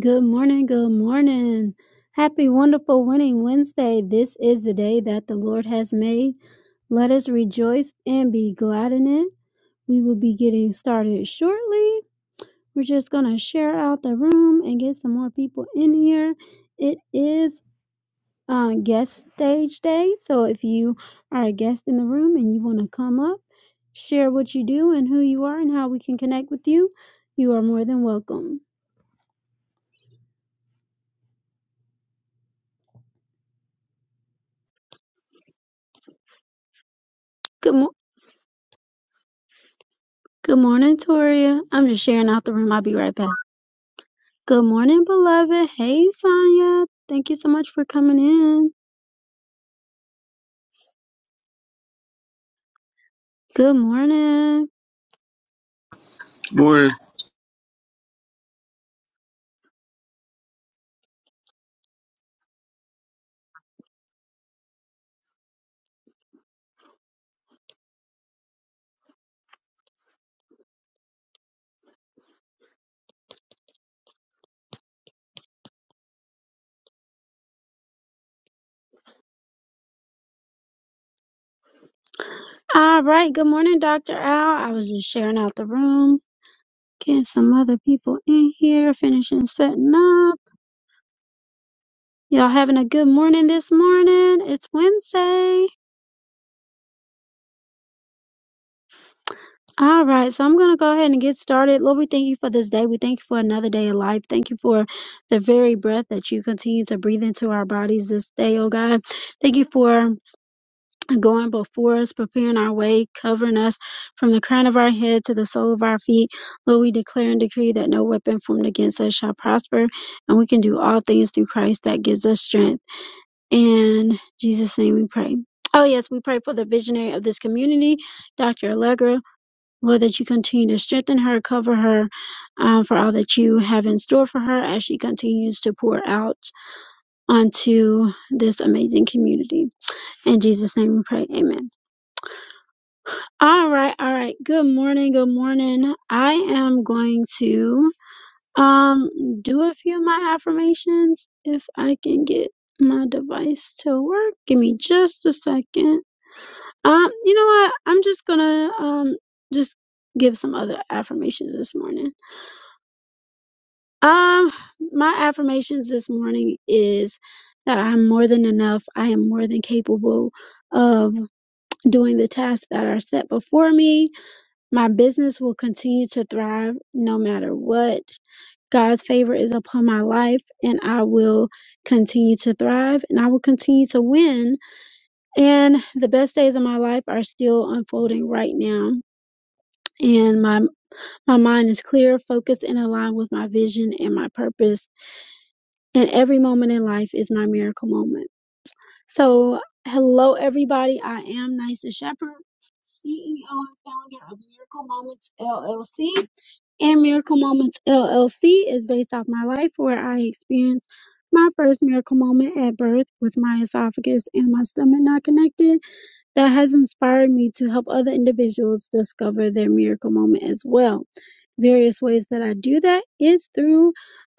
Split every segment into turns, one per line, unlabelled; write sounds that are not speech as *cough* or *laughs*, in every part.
Good morning. Good morning. Happy, wonderful, winning Wednesday. This is the day that the Lord has made. Let us rejoice and be glad in it. We will be getting started shortly. We're just going to share out the room and get some more people in here. It is uh, guest stage day. So if you are a guest in the room and you want to come up, share what you do and who you are and how we can connect with you, you are more than welcome. Good morning. Good morning, Toria. I'm just sharing out the room. I'll be right back. Good morning, beloved. Hey, Sonya. Thank you so much for coming in. Good morning.
Morning.
All right. Good morning, Dr. Al. I was just sharing out the room, getting some other people in here, finishing setting up. Y'all having a good morning this morning. It's Wednesday. All right, so I'm going to go ahead and get started. Lord, we thank you for this day. We thank you for another day of life. Thank you for the very breath that you continue to breathe into our bodies this day, oh God. Thank you for going before us, preparing our way, covering us from the crown of our head to the sole of our feet. Lord, we declare and decree that no weapon formed against us shall prosper, and we can do all things through Christ that gives us strength. In Jesus' name we pray. Oh, yes, we pray for the visionary of this community, Dr. Allegra. Lord, that you continue to strengthen her, cover her um, for all that you have in store for her as she continues to pour out onto this amazing community. In Jesus' name we pray. Amen. All right, all right. Good morning, good morning. I am going to um do a few of my affirmations if I can get my device to work. Give me just a second. Um, you know what? I'm just gonna um just give some other affirmations this morning. Um, my affirmations this morning is that I'm more than enough. I am more than capable of doing the tasks that are set before me. My business will continue to thrive no matter what. God's favor is upon my life and I will continue to thrive and I will continue to win. And the best days of my life are still unfolding right now. And my my mind is clear, focused, and aligned with my vision and my purpose And every moment in life is my miracle moment. So, hello, everybody. I am Nysa Shepherd, CEO and founder of Miracle Moments LLC. And Miracle Moments LLC is based off my life where I experienced my first miracle moment at birth with my esophagus and my stomach not connected that has inspired me to help other individuals discover their miracle moment as well. Various ways that I do that is through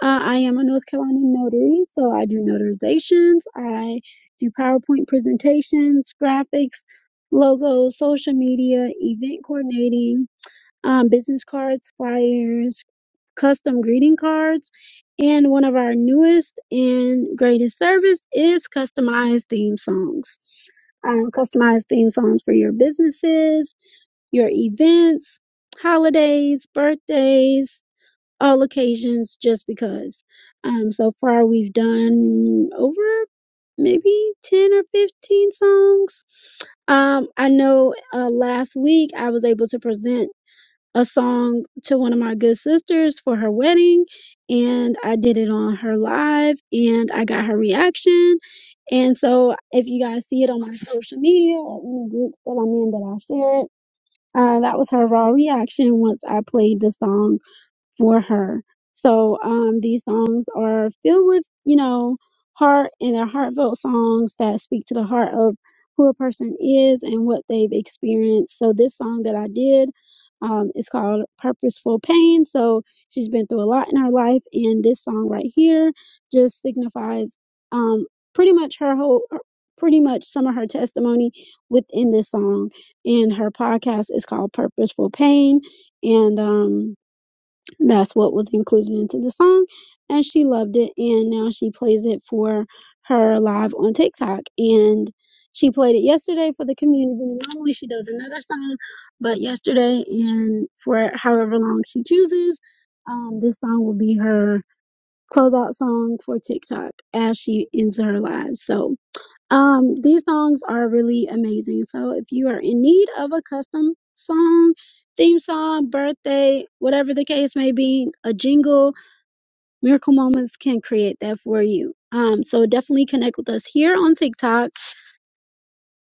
uh, I am a North Carolina notary, so I do notarizations, I do PowerPoint presentations, graphics, logos, social media, event coordinating, um, business cards, flyers custom greeting cards. And one of our newest and greatest service is customized theme songs. Um, customized theme songs for your businesses, your events, holidays, birthdays, all occasions, just because. Um, so far, we've done over maybe 10 or 15 songs. Um, I know uh, last week I was able to present a song to one of my good sisters for her wedding and I did it on her live and I got her reaction. And so if you guys see it on my social media or any groups that I'm in that I share it, uh, that was her raw reaction once I played the song for her. So um, these songs are filled with, you know, heart and they're heartfelt songs that speak to the heart of who a person is and what they've experienced. So this song that I did um, is called Purposeful Pain. So she's been through a lot in her life, and this song right here just signifies um, pretty much her whole. Pretty much some of her testimony within this song, and her podcast is called Purposeful Pain. And um, that's what was included into the song, and she loved it. And now she plays it for her live on TikTok. And she played it yesterday for the community. Normally she does another song, but yesterday and for however long she chooses, um, this song will be her closeout song for TikTok as she ends her live. So um, these songs are really amazing. So if you are in need of a custom song, theme song, birthday, whatever the case may be, a jingle, Miracle Moments can create that for you. Um, so definitely connect with us here on TikTok.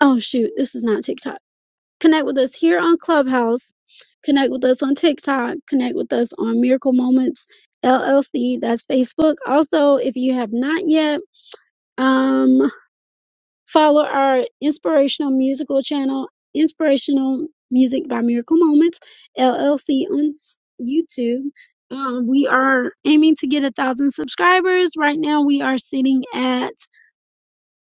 Oh shoot, this is not TikTok. Connect with us here on Clubhouse. Connect with us on TikTok. Connect with us on Miracle Moments LLC. That's Facebook. Also, if you have not yet, um. Follow our inspirational musical channel, Inspirational Music by Miracle Moments LLC on YouTube. Um, we are aiming to get a thousand subscribers. Right now, we are sitting at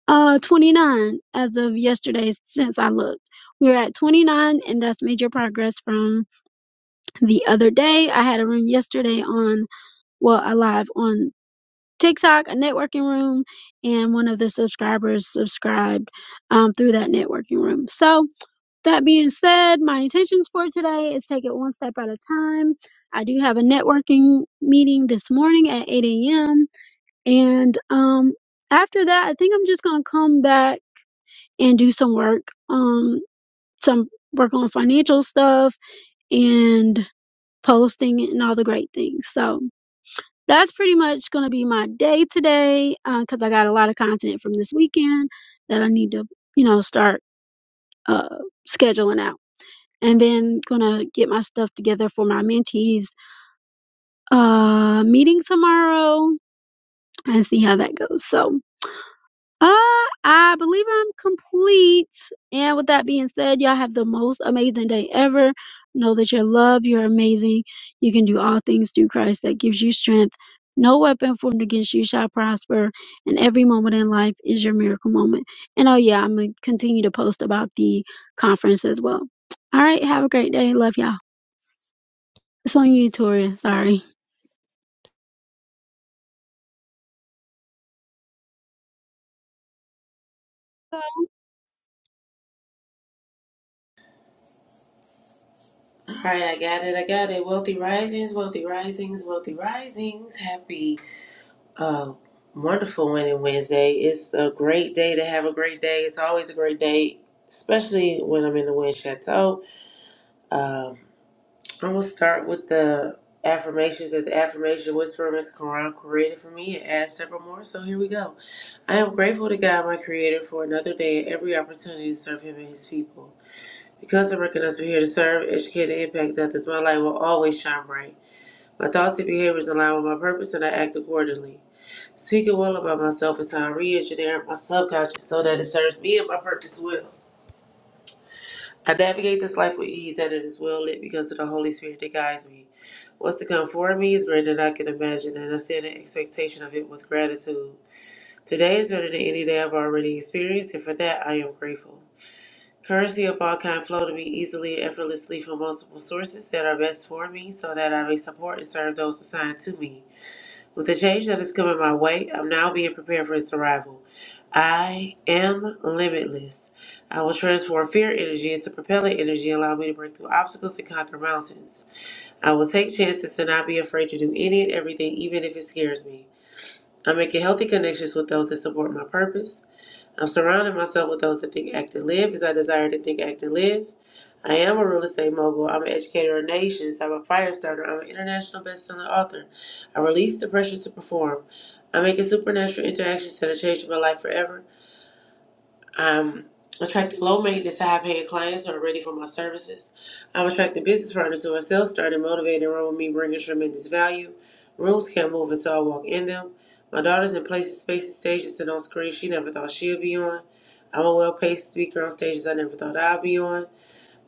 uh 29 as of yesterday. Since I looked, we we're at 29, and that's major progress from the other day. I had a room yesterday on well, alive on TikTok, a networking room, and one of the subscribers subscribed um, through that networking room. So, that being said, my intentions for today is take it one step at a time. I do have a networking meeting this morning at 8 a.m. And um, after that, I think I'm just going to come back and do some work, um, some work on financial stuff and posting and all the great things. So, that's pretty much going to be my day today because I got a lot of content from this weekend that I need to, you know, start uh, scheduling out. And then gonna get my stuff together for my mentees uh, meeting tomorrow and see how that goes. So Uh, I believe I'm complete. And with that being said, y'all have the most amazing day ever. Know that you're loved, you're amazing. You can do all things through Christ that gives you strength. No weapon formed against you shall prosper, and every moment in life is your miracle moment. And oh, yeah, I'm going to continue to post about the conference as well. All right, have a great day. Love y'all. It's on you, Toria. Sorry.
All right, I got it. I got it. Wealthy risings, wealthy risings, wealthy risings. Happy, uh, wonderful winning Wednesday. It's a great day to have a great day. It's always a great day, especially when I'm in the wind chateau. Um, I'm gonna start with the affirmations that the affirmation whisperer Mr. Quran created for me and add several more. So here we go. I am grateful to God, my Creator, for another day and every opportunity to serve Him and His people. Because I recognize we're here to serve, educate, and impact others, my light will always shine bright. My thoughts and behaviors align with my purpose and I act accordingly. Speaking well about myself is how I re engineer my subconscious so that it serves me and my purpose well. I navigate this life with ease and it is well lit because of the Holy Spirit that guides me. What's to come for me is greater than I can imagine, and I stand in expectation of it with gratitude. Today is better than any day I've already experienced, and for that I am grateful. Currency of all kind flow to me easily and effortlessly from multiple sources that are best for me so that I may support and serve those assigned to me. With the change that is coming my way, I'm now being prepared for its arrival. I am limitless. I will transform fear energy into propellant energy, allow me to break through obstacles and conquer mountains. I will take chances and not be afraid to do any and everything, even if it scares me. I'm making healthy connections with those that support my purpose. I'm surrounding myself with those that think, act, and live as I desire to think, act, and live. I am a real estate mogul. I'm an educator of nations. I'm a fire starter. I'm an international best-selling author. I release the pressure to perform. I make a supernatural interactions that are changing my life forever. I'm attracting low maintenance, high paying clients who are ready for my services. I'm attracting business partners who are self starting, motivated, and run with me, bringing tremendous value. Rooms can't move until I walk in them. My daughter's in places, spaces, stages, and on screens she never thought she'd be on. I'm a well paid speaker on stages I never thought I'd be on.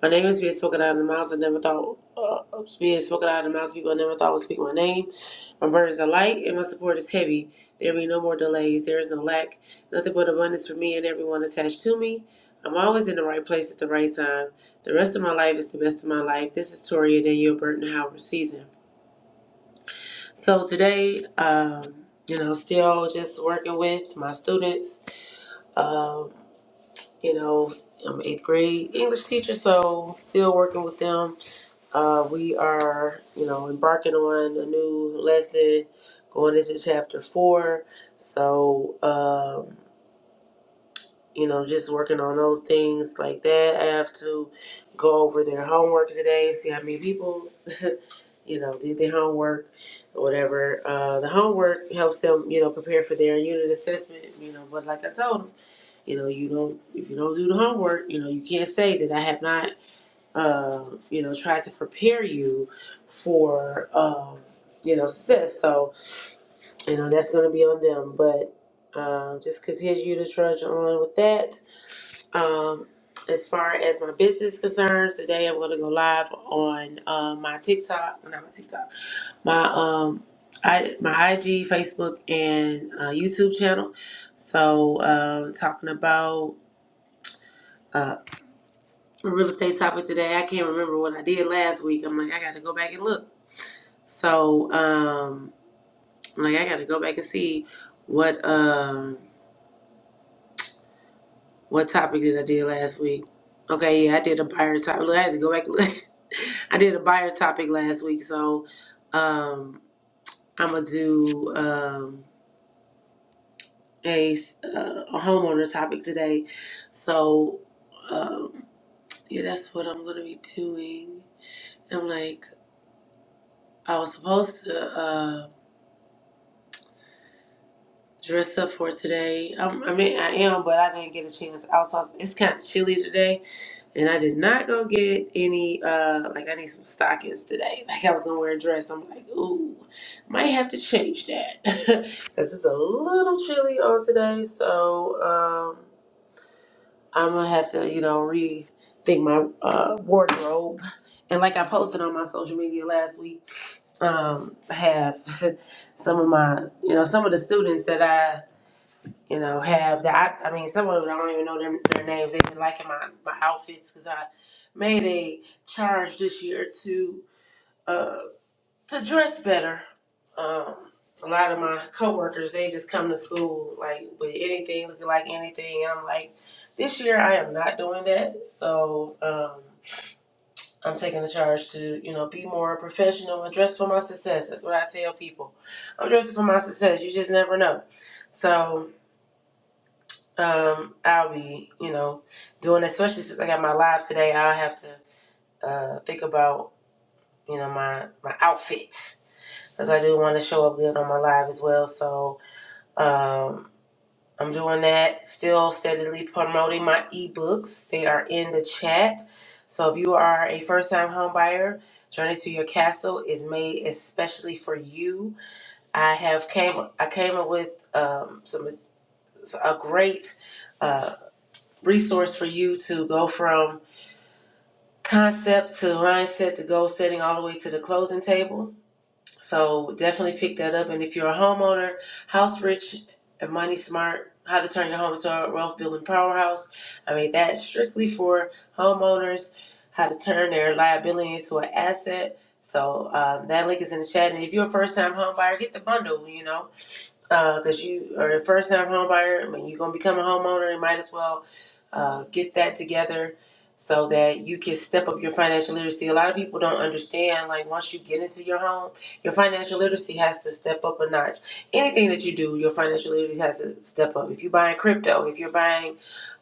My name is being spoken out of the mouths I never thought uh, uh, being spoken out of the mouths of people I never thought would speak my name. My burdens are light and my support is heavy. There be no more delays. There is no lack. Nothing but abundance for me and everyone attached to me. I'm always in the right place at the right time. The rest of my life is the best of my life. This is Toria Danielle Burton Howard season. So today, um, you know, still just working with my students. Um, you know, I'm eighth grade English teacher, so still working with them Uh, we are, you know, embarking on a new lesson, going into chapter four. So, um, you know, just working on those things like that. I have to go over their homework today, see how many people, *laughs* you know, did their homework or whatever. Uh, the homework helps them, you know, prepare for their unit assessment, you know, but like I told them, you know, you don't, if you don't do the homework, you know, you can't say that I have not um, you know, try to prepare you for, um, you know, success. So, you know, that's going to be on them. But um, just continue you to trudge on with that. Um, as far as my business is concerned, today I'm going to go live on uh, my TikTok, well, not my TikTok, my um, I, my IG, Facebook, and uh, YouTube channel. So, um, talking about uh, a real estate topic today. I can't remember what I did last week. I'm like, I got to go back and look. So, um, I'm like I got to go back and see what um what topic did I did last week. Okay, yeah, I did a buyer topic. Look, I had to go back. and look. *laughs* I did a buyer topic last week, so um, I'm gonna do um a, s- uh, a homeowner topic today. So, um, yeah, that's what I'm gonna be doing. I'm like I was supposed to. uh, dress up for today. Um, I mean, I am, but I didn't get a chance. Also, it's kind of chilly today, and I did not go get any. Uh, like I need some stockings today. *laughs* Like I was gonna wear a dress. I'm like, ooh, might have to change that *laughs* because it's a little chilly on today. So um, I'm gonna have to, you know, rethink my uh, wardrobe. And like I posted on my social media last week, um, I have *laughs* some of my, you know, some of the students that I you know, have that. I, I mean, some of them I don't even know their, their names. They've been liking my, my outfits because I made a charge this year to uh, to dress better. Um, a lot of my coworkers they just come to school like with anything looking like anything. And I'm like, this year I am not doing that. So um, I'm taking the charge to you know be more professional and dress for my success. That's what I tell people. I'm dressing for my success. You just never know. So um, I'll be, you know, doing this. Especially since I got my live today, I'll have to uh, think about, you know, my my outfit because I do want to show up good on my live as well. So um, I'm doing that. Still steadily promoting my ebooks. They are in the chat. So if you are a first-time homebuyer, Journey to Your Castle is made especially for you. I have came I came up with um, some a great Uh, resource for you to go from concept to mindset to goal setting all the way to the closing table. So definitely pick that up. And if you're a homeowner, house rich and money smart, how to turn your home into a wealth building powerhouse. I mean, that's strictly for homeowners, how to turn their liability into an asset. So um, that link is in the chat. And if you're a first time home buyer, get the bundle, you know because uh, you are a first time homebuyer, I mean, you're going to become a homeowner. You might as well uh, get that together so that you can step up your financial literacy. A lot of people don't understand, like, once you get into your home, your financial literacy has to step up a notch. Anything that you do, your financial literacy has to step up. If you're buying crypto, if you're buying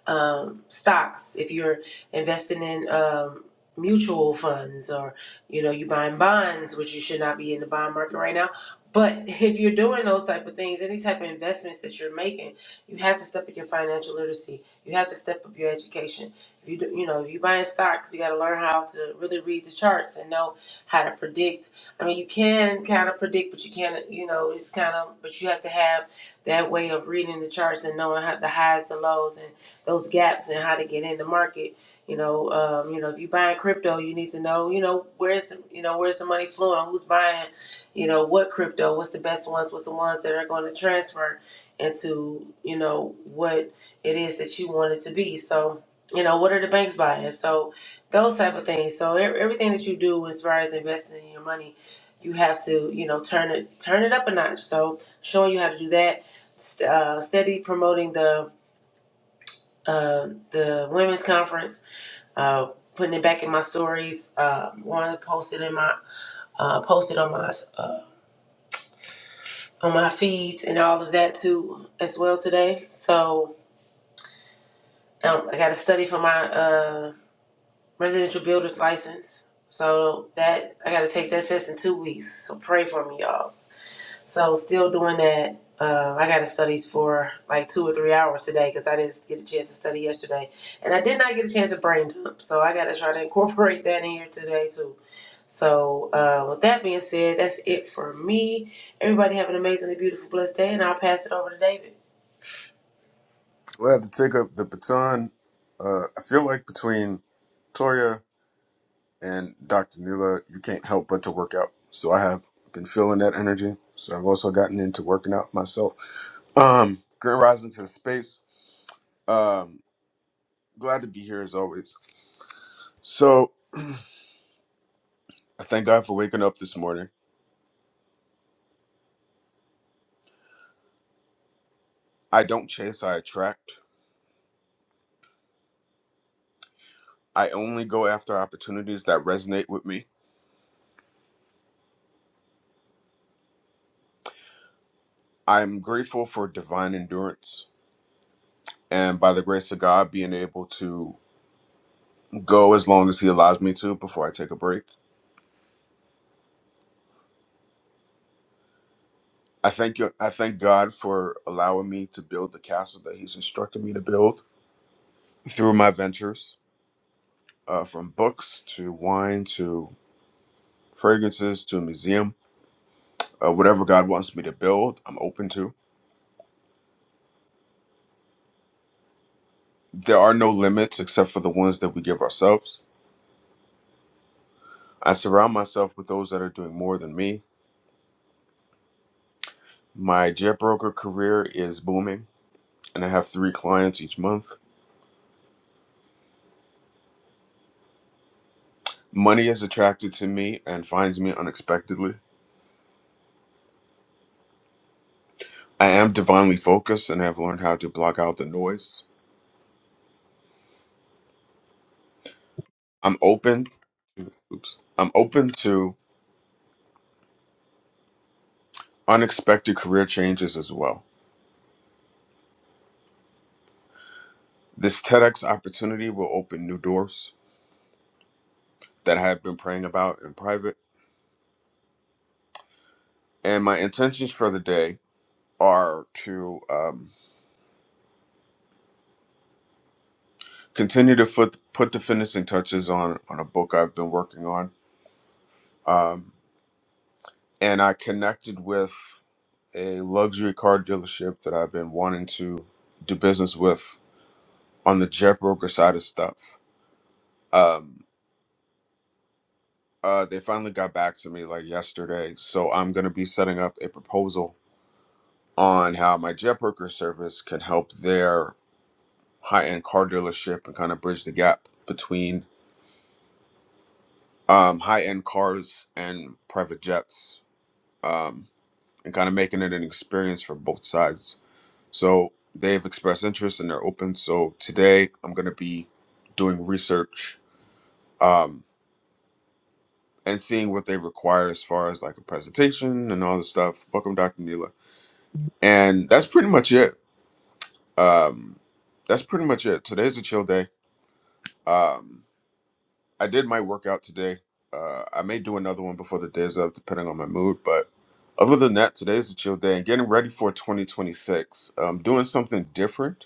um, stocks, if you're investing in um, mutual funds, or you know you buying bonds, which you should not be in the bond market right now. But *laughs* if you're doing those type of things, any type of investments that you're making, you have to step up your financial literacy. You have to step up your education. If you do, you know if you're buying stocks, you got to learn how to really read the charts and know how to predict. I mean, you can kind of predict, but you can't. You know, it's kind of, but you have to have that way of reading the charts and knowing how the highs, the lows, those gaps and how to get in the market. You know, um, you know, if you are buying crypto, you need to know, you know, where's you know where's the money flowing, who's buying, you know, what crypto, what's the best ones, what's the ones that are going to transfer into, you know, what it is that you want it to be. So, you know, what are the banks buying? So, those type of things. So, e- everything that you do as far as investing in your money, you have to, you know, turn it turn it up a notch. So, showing you how to do that, st- uh, steady promoting the uh, the women's conference, uh, putting it back in my stories. Uh, one posted in my uh, posted on my uh, on my feeds and all of that too as well today. So um, I got to study for my uh, residential builder's license. So that I got to take that test in two weeks. So pray for me, y'all. So still doing that. Uh, I got to study for like two or three hours today because I didn't get a chance to study yesterday, and I did not get a chance to brain dump. So I got to try to incorporate that in here today too. So uh, with that being said, that's it for me. Everybody have an amazingly beautiful, blessed day, and I'll pass it over to David.
We'll have to take up the baton. Uh, I feel like between Toya and Dr. Nila, you can't help but to work out. So I have been feeling that energy. So I've also gotten into working out myself. Um, Grand Rising to the space. Um, glad to be here as always. So I thank God for waking up this morning. I don't chase, I attract. I only go after opportunities that resonate with me. I'm grateful for divine endurance. and by the grace of God, being able to go as long as He allows me to before I take a break. I thank you. I thank God for allowing me to build the castle that He's instructed me to build through my ventures, uh, from books to wine to fragrances to a museum. Uh, whatever God wants me to build, I'm open to. There are no limits except for the ones that we give ourselves. I surround myself with those that are doing more than me. My jet broker career is booming, and I have three clients each month. Money is attracted to me and finds me unexpectedly. I am divinely focused and have learned how to block out the noise. I'm open. Oops. I'm open to unexpected career changes as well. This TEDx opportunity will open new doors that I have been praying about in private. And my intentions for the day are to um, continue to put, put the finishing touches on, on a book I've been working on. Um, and I connected with a luxury car dealership that I've been wanting to do business with on the jet broker side of stuff. Um, uh, they finally got back to me like yesterday, so I'm going to be setting up a proposal on how my jet broker service can help their high end car dealership and kind of bridge the gap between um, high end cars and private jets um, and kind of making it an experience for both sides So they've expressed interest and they're open. So today I'm going to be doing research um, and seeing what they require as far as like a presentation and all this stuff. Welcome, Dr. Neela. And that's pretty much it. Um, that's pretty much it. Today's a chill day. Um, I did my workout today. Uh, I may do another one before the day's up, depending on my mood. But other than that, today's a chill day and getting ready for 2026. Um, doing something different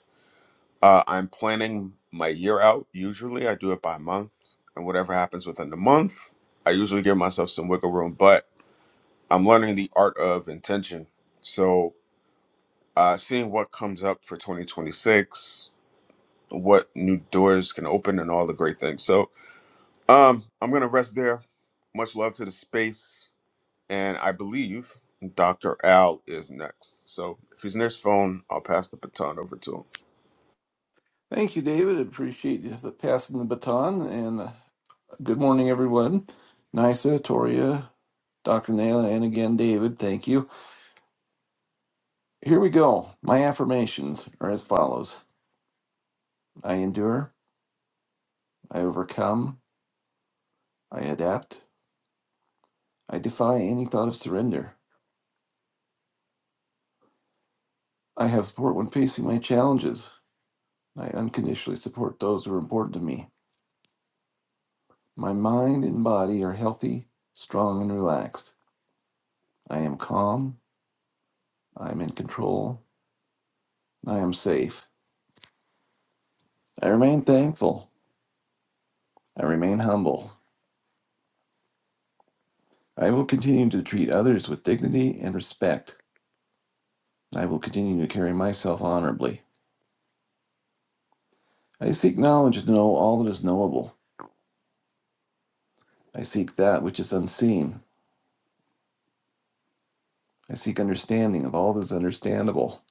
Uh, I'm planning my year out. Usually, I do it by month, and whatever happens within the month, I usually give myself some wiggle room. But I'm learning the art of intention. So, uh, seeing what comes up for 2026, what new doors can open, and all the great things. So, um, I'm gonna rest there. Much love to the space, and I believe Dr. Al is next. So, if he's near his phone, I'll pass the baton over to him.
Thank you, David. Appreciate you the passing the baton. And uh, good morning, everyone. Nisa, Toria, Dr. Naila, and again, David, thank you. Here we go. My affirmations are as follows I endure, I overcome, I adapt, I defy any thought of surrender. I have support when facing my challenges. I unconditionally support those who are important to me. My mind and body are healthy, strong, and relaxed. I am calm, I am in control, and I am safe. I remain thankful. I remain humble. I will continue to treat others with dignity and respect. I will continue to carry myself honorably. I seek knowledge to know all that is knowable. I seek that which is unseen. I seek understanding of all that is understandable.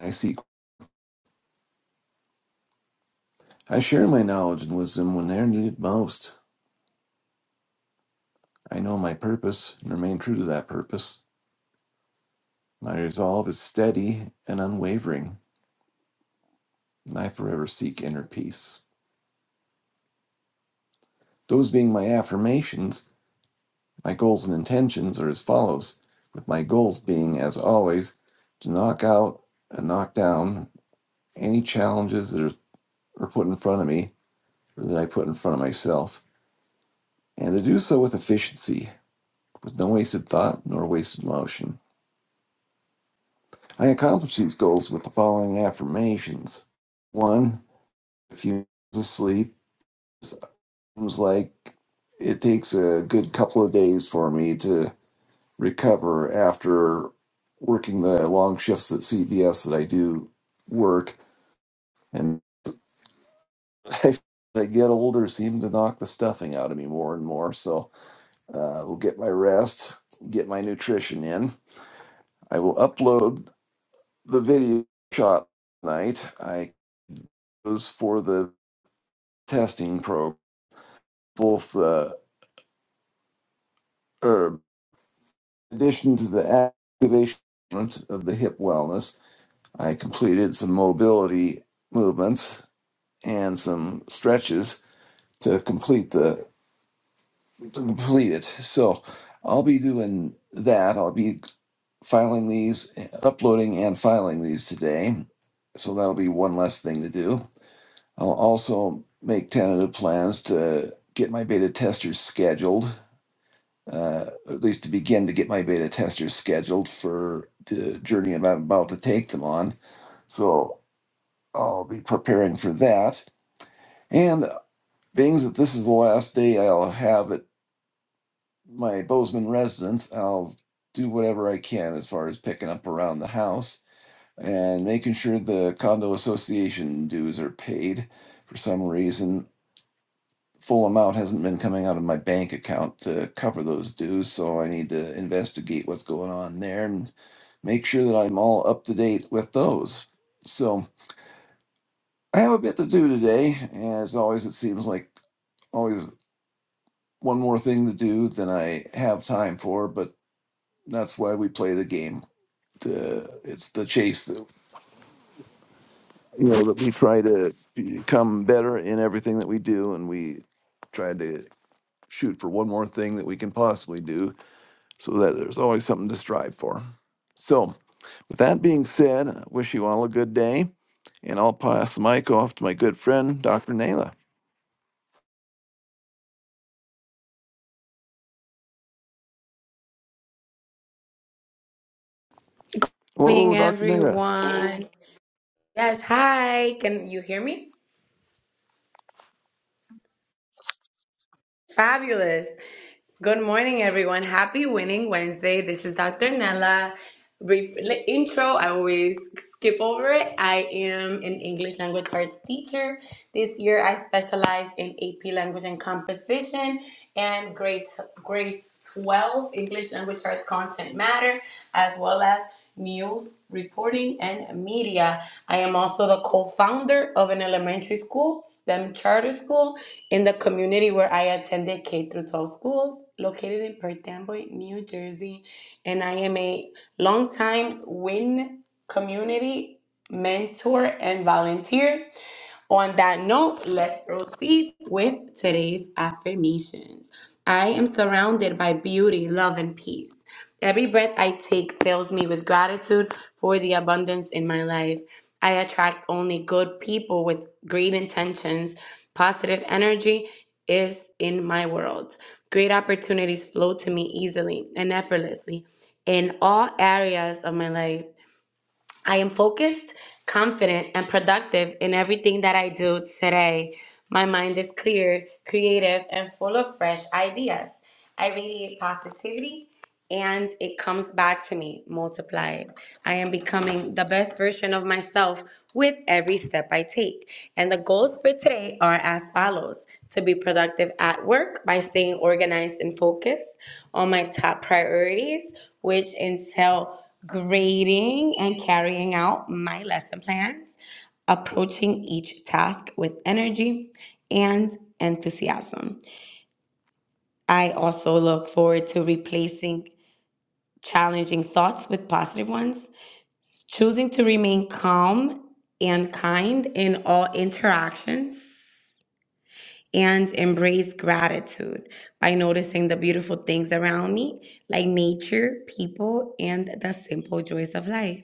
I seek I share my knowledge and wisdom when they are needed most. I know my purpose and remain true to that purpose. My resolve is steady and unwavering, and I forever seek inner peace. Those being my affirmations, My goals and intentions are as follows, with my goals being, as always, to knock out and knock down any challenges that are, put in front of me or that I put in front of myself, and to do so with efficiency, with no wasted thought nor wasted motion. I accomplish these goals with the following affirmations. One, a few if you sleep, It seems like it takes a good couple of days for me to recover after working the long shifts at CVS that I do work. And *laughs* as I get older, seem to knock the stuffing out of me more and more. So uh, we'll get my rest, get my nutrition in. I will upload the video shot tonight. I goes for the testing program, both the or in addition to the activation of the hip wellness. I completed some mobility movements and some stretches to complete the to complete it. So I'll be doing that. I'll be filing these, uploading and filing these today. So that'll be one less thing to do. I'll also make tentative plans to get my beta testers scheduled, uh, at least to begin to get my beta testers scheduled for the journey I'm about to take them on. So I'll be preparing for that. and. being that this is the last day I'll have at my Bozeman residence, I'll do whatever I can as far as picking up around the house and making sure the condo association dues are paid. For some reason, full amount hasn't been coming out of my bank account to cover those dues, so I need to investigate what's going on there and make sure that I'm all up to date with those. So I have a bit to do today. As always, it seems like always one more thing to do than I have time for, but that's why we play the game. The, it's the chase that you know that we try to become better in everything that we do, and we try to shoot for one more thing that we can possibly do, so that there's always something to strive for. So, with that being said, I wish you all a good day, and I'll pass the mic off to my good friend Dr. Naila.
morning,
Whoa, Dr. Naila.
everyone. Yes, hi. Can you hear me? Fabulous. Good morning, everyone. Happy Winning Wednesday. This is Dr. Nella. Brief li- intro. I always skip over it. I am an English language arts teacher. This year, I specialize in AP language and composition and grade grade 12 English language arts content matter, as well as news reporting and media. I am also the co-founder of an elementary school, STEM charter school, in the community where I attended K through 12 schools, located in Perth Amboy, New Jersey, and I am a longtime Win community mentor and volunteer on that note, let's proceed with today's affirmations. I am surrounded by beauty, love, and peace. Every breath I take fills me with gratitude for the abundance in my life. I attract only good people with great intentions. Positive energy is in my world. Great opportunities flow to me easily and effortlessly in all areas of my life. I am focused, confident, and productive in everything that I do today. My mind is clear, creative, and full of fresh ideas. I radiate positivity and it comes back to me multiplied. I am becoming the best version of myself with every step I take. And the goals for today are as follows to be productive at work by staying organized and focused on my top priorities, which entail grading and carrying out my lesson plans, approaching each task with energy and enthusiasm. I also look forward to replacing challenging thoughts with positive ones, choosing to remain calm and kind in all interactions, and embrace gratitude by noticing the beautiful things around me, like nature, people, and the simple joys of life.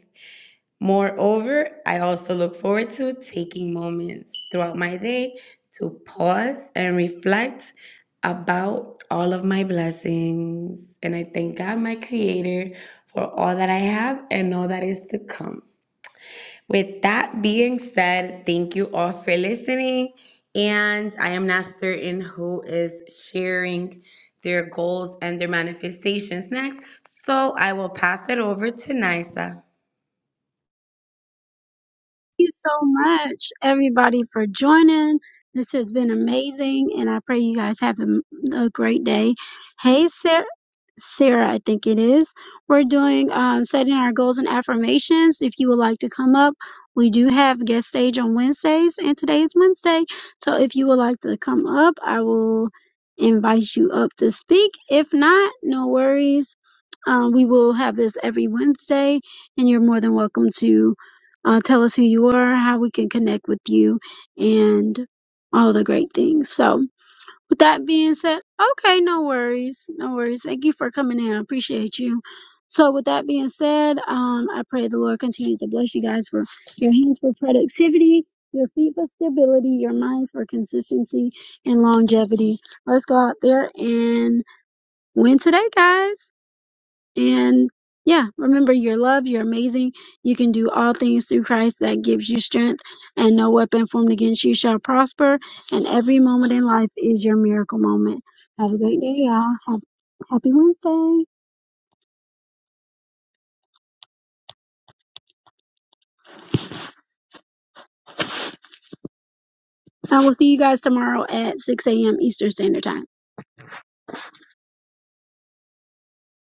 Moreover, I also look forward to taking moments throughout my day to pause and reflect about all of my blessings. And I thank God, my Creator, for all that I have and all that is to come. With that being said, thank you all for listening. And I am not certain who is sharing their goals and their manifestations next. So I will pass it over to Nisa.
you so much, everybody, for joining. This has been amazing, and I pray you guys have a, a great day. Hey, Sarah, Sarah, I think it is. We're doing um, setting our goals and affirmations. If you would like to come up, we do have guest stage on Wednesdays, and today is Wednesday. So if you would like to come up, I will invite you up to speak. If not, no worries. Um, we will have this every Wednesday, and you're more than welcome to uh, tell us who you are, how we can connect with you, and all the great things. So, with that being said, okay, no worries. No worries. Thank you for coming in. I appreciate you. So, with that being said, um, I pray the Lord continues to bless you guys for your hands for productivity, your feet for stability, your minds for consistency and longevity. Let's go out there and win today, guys. And yeah, remember you're loved, you're amazing, you can do all things through Christ that gives you strength, and no weapon formed against you shall prosper. And every moment in life is your miracle moment. Have a great day, y'all. Have, happy Wednesday. I will see you guys tomorrow at 6 a.m. Eastern Standard Time.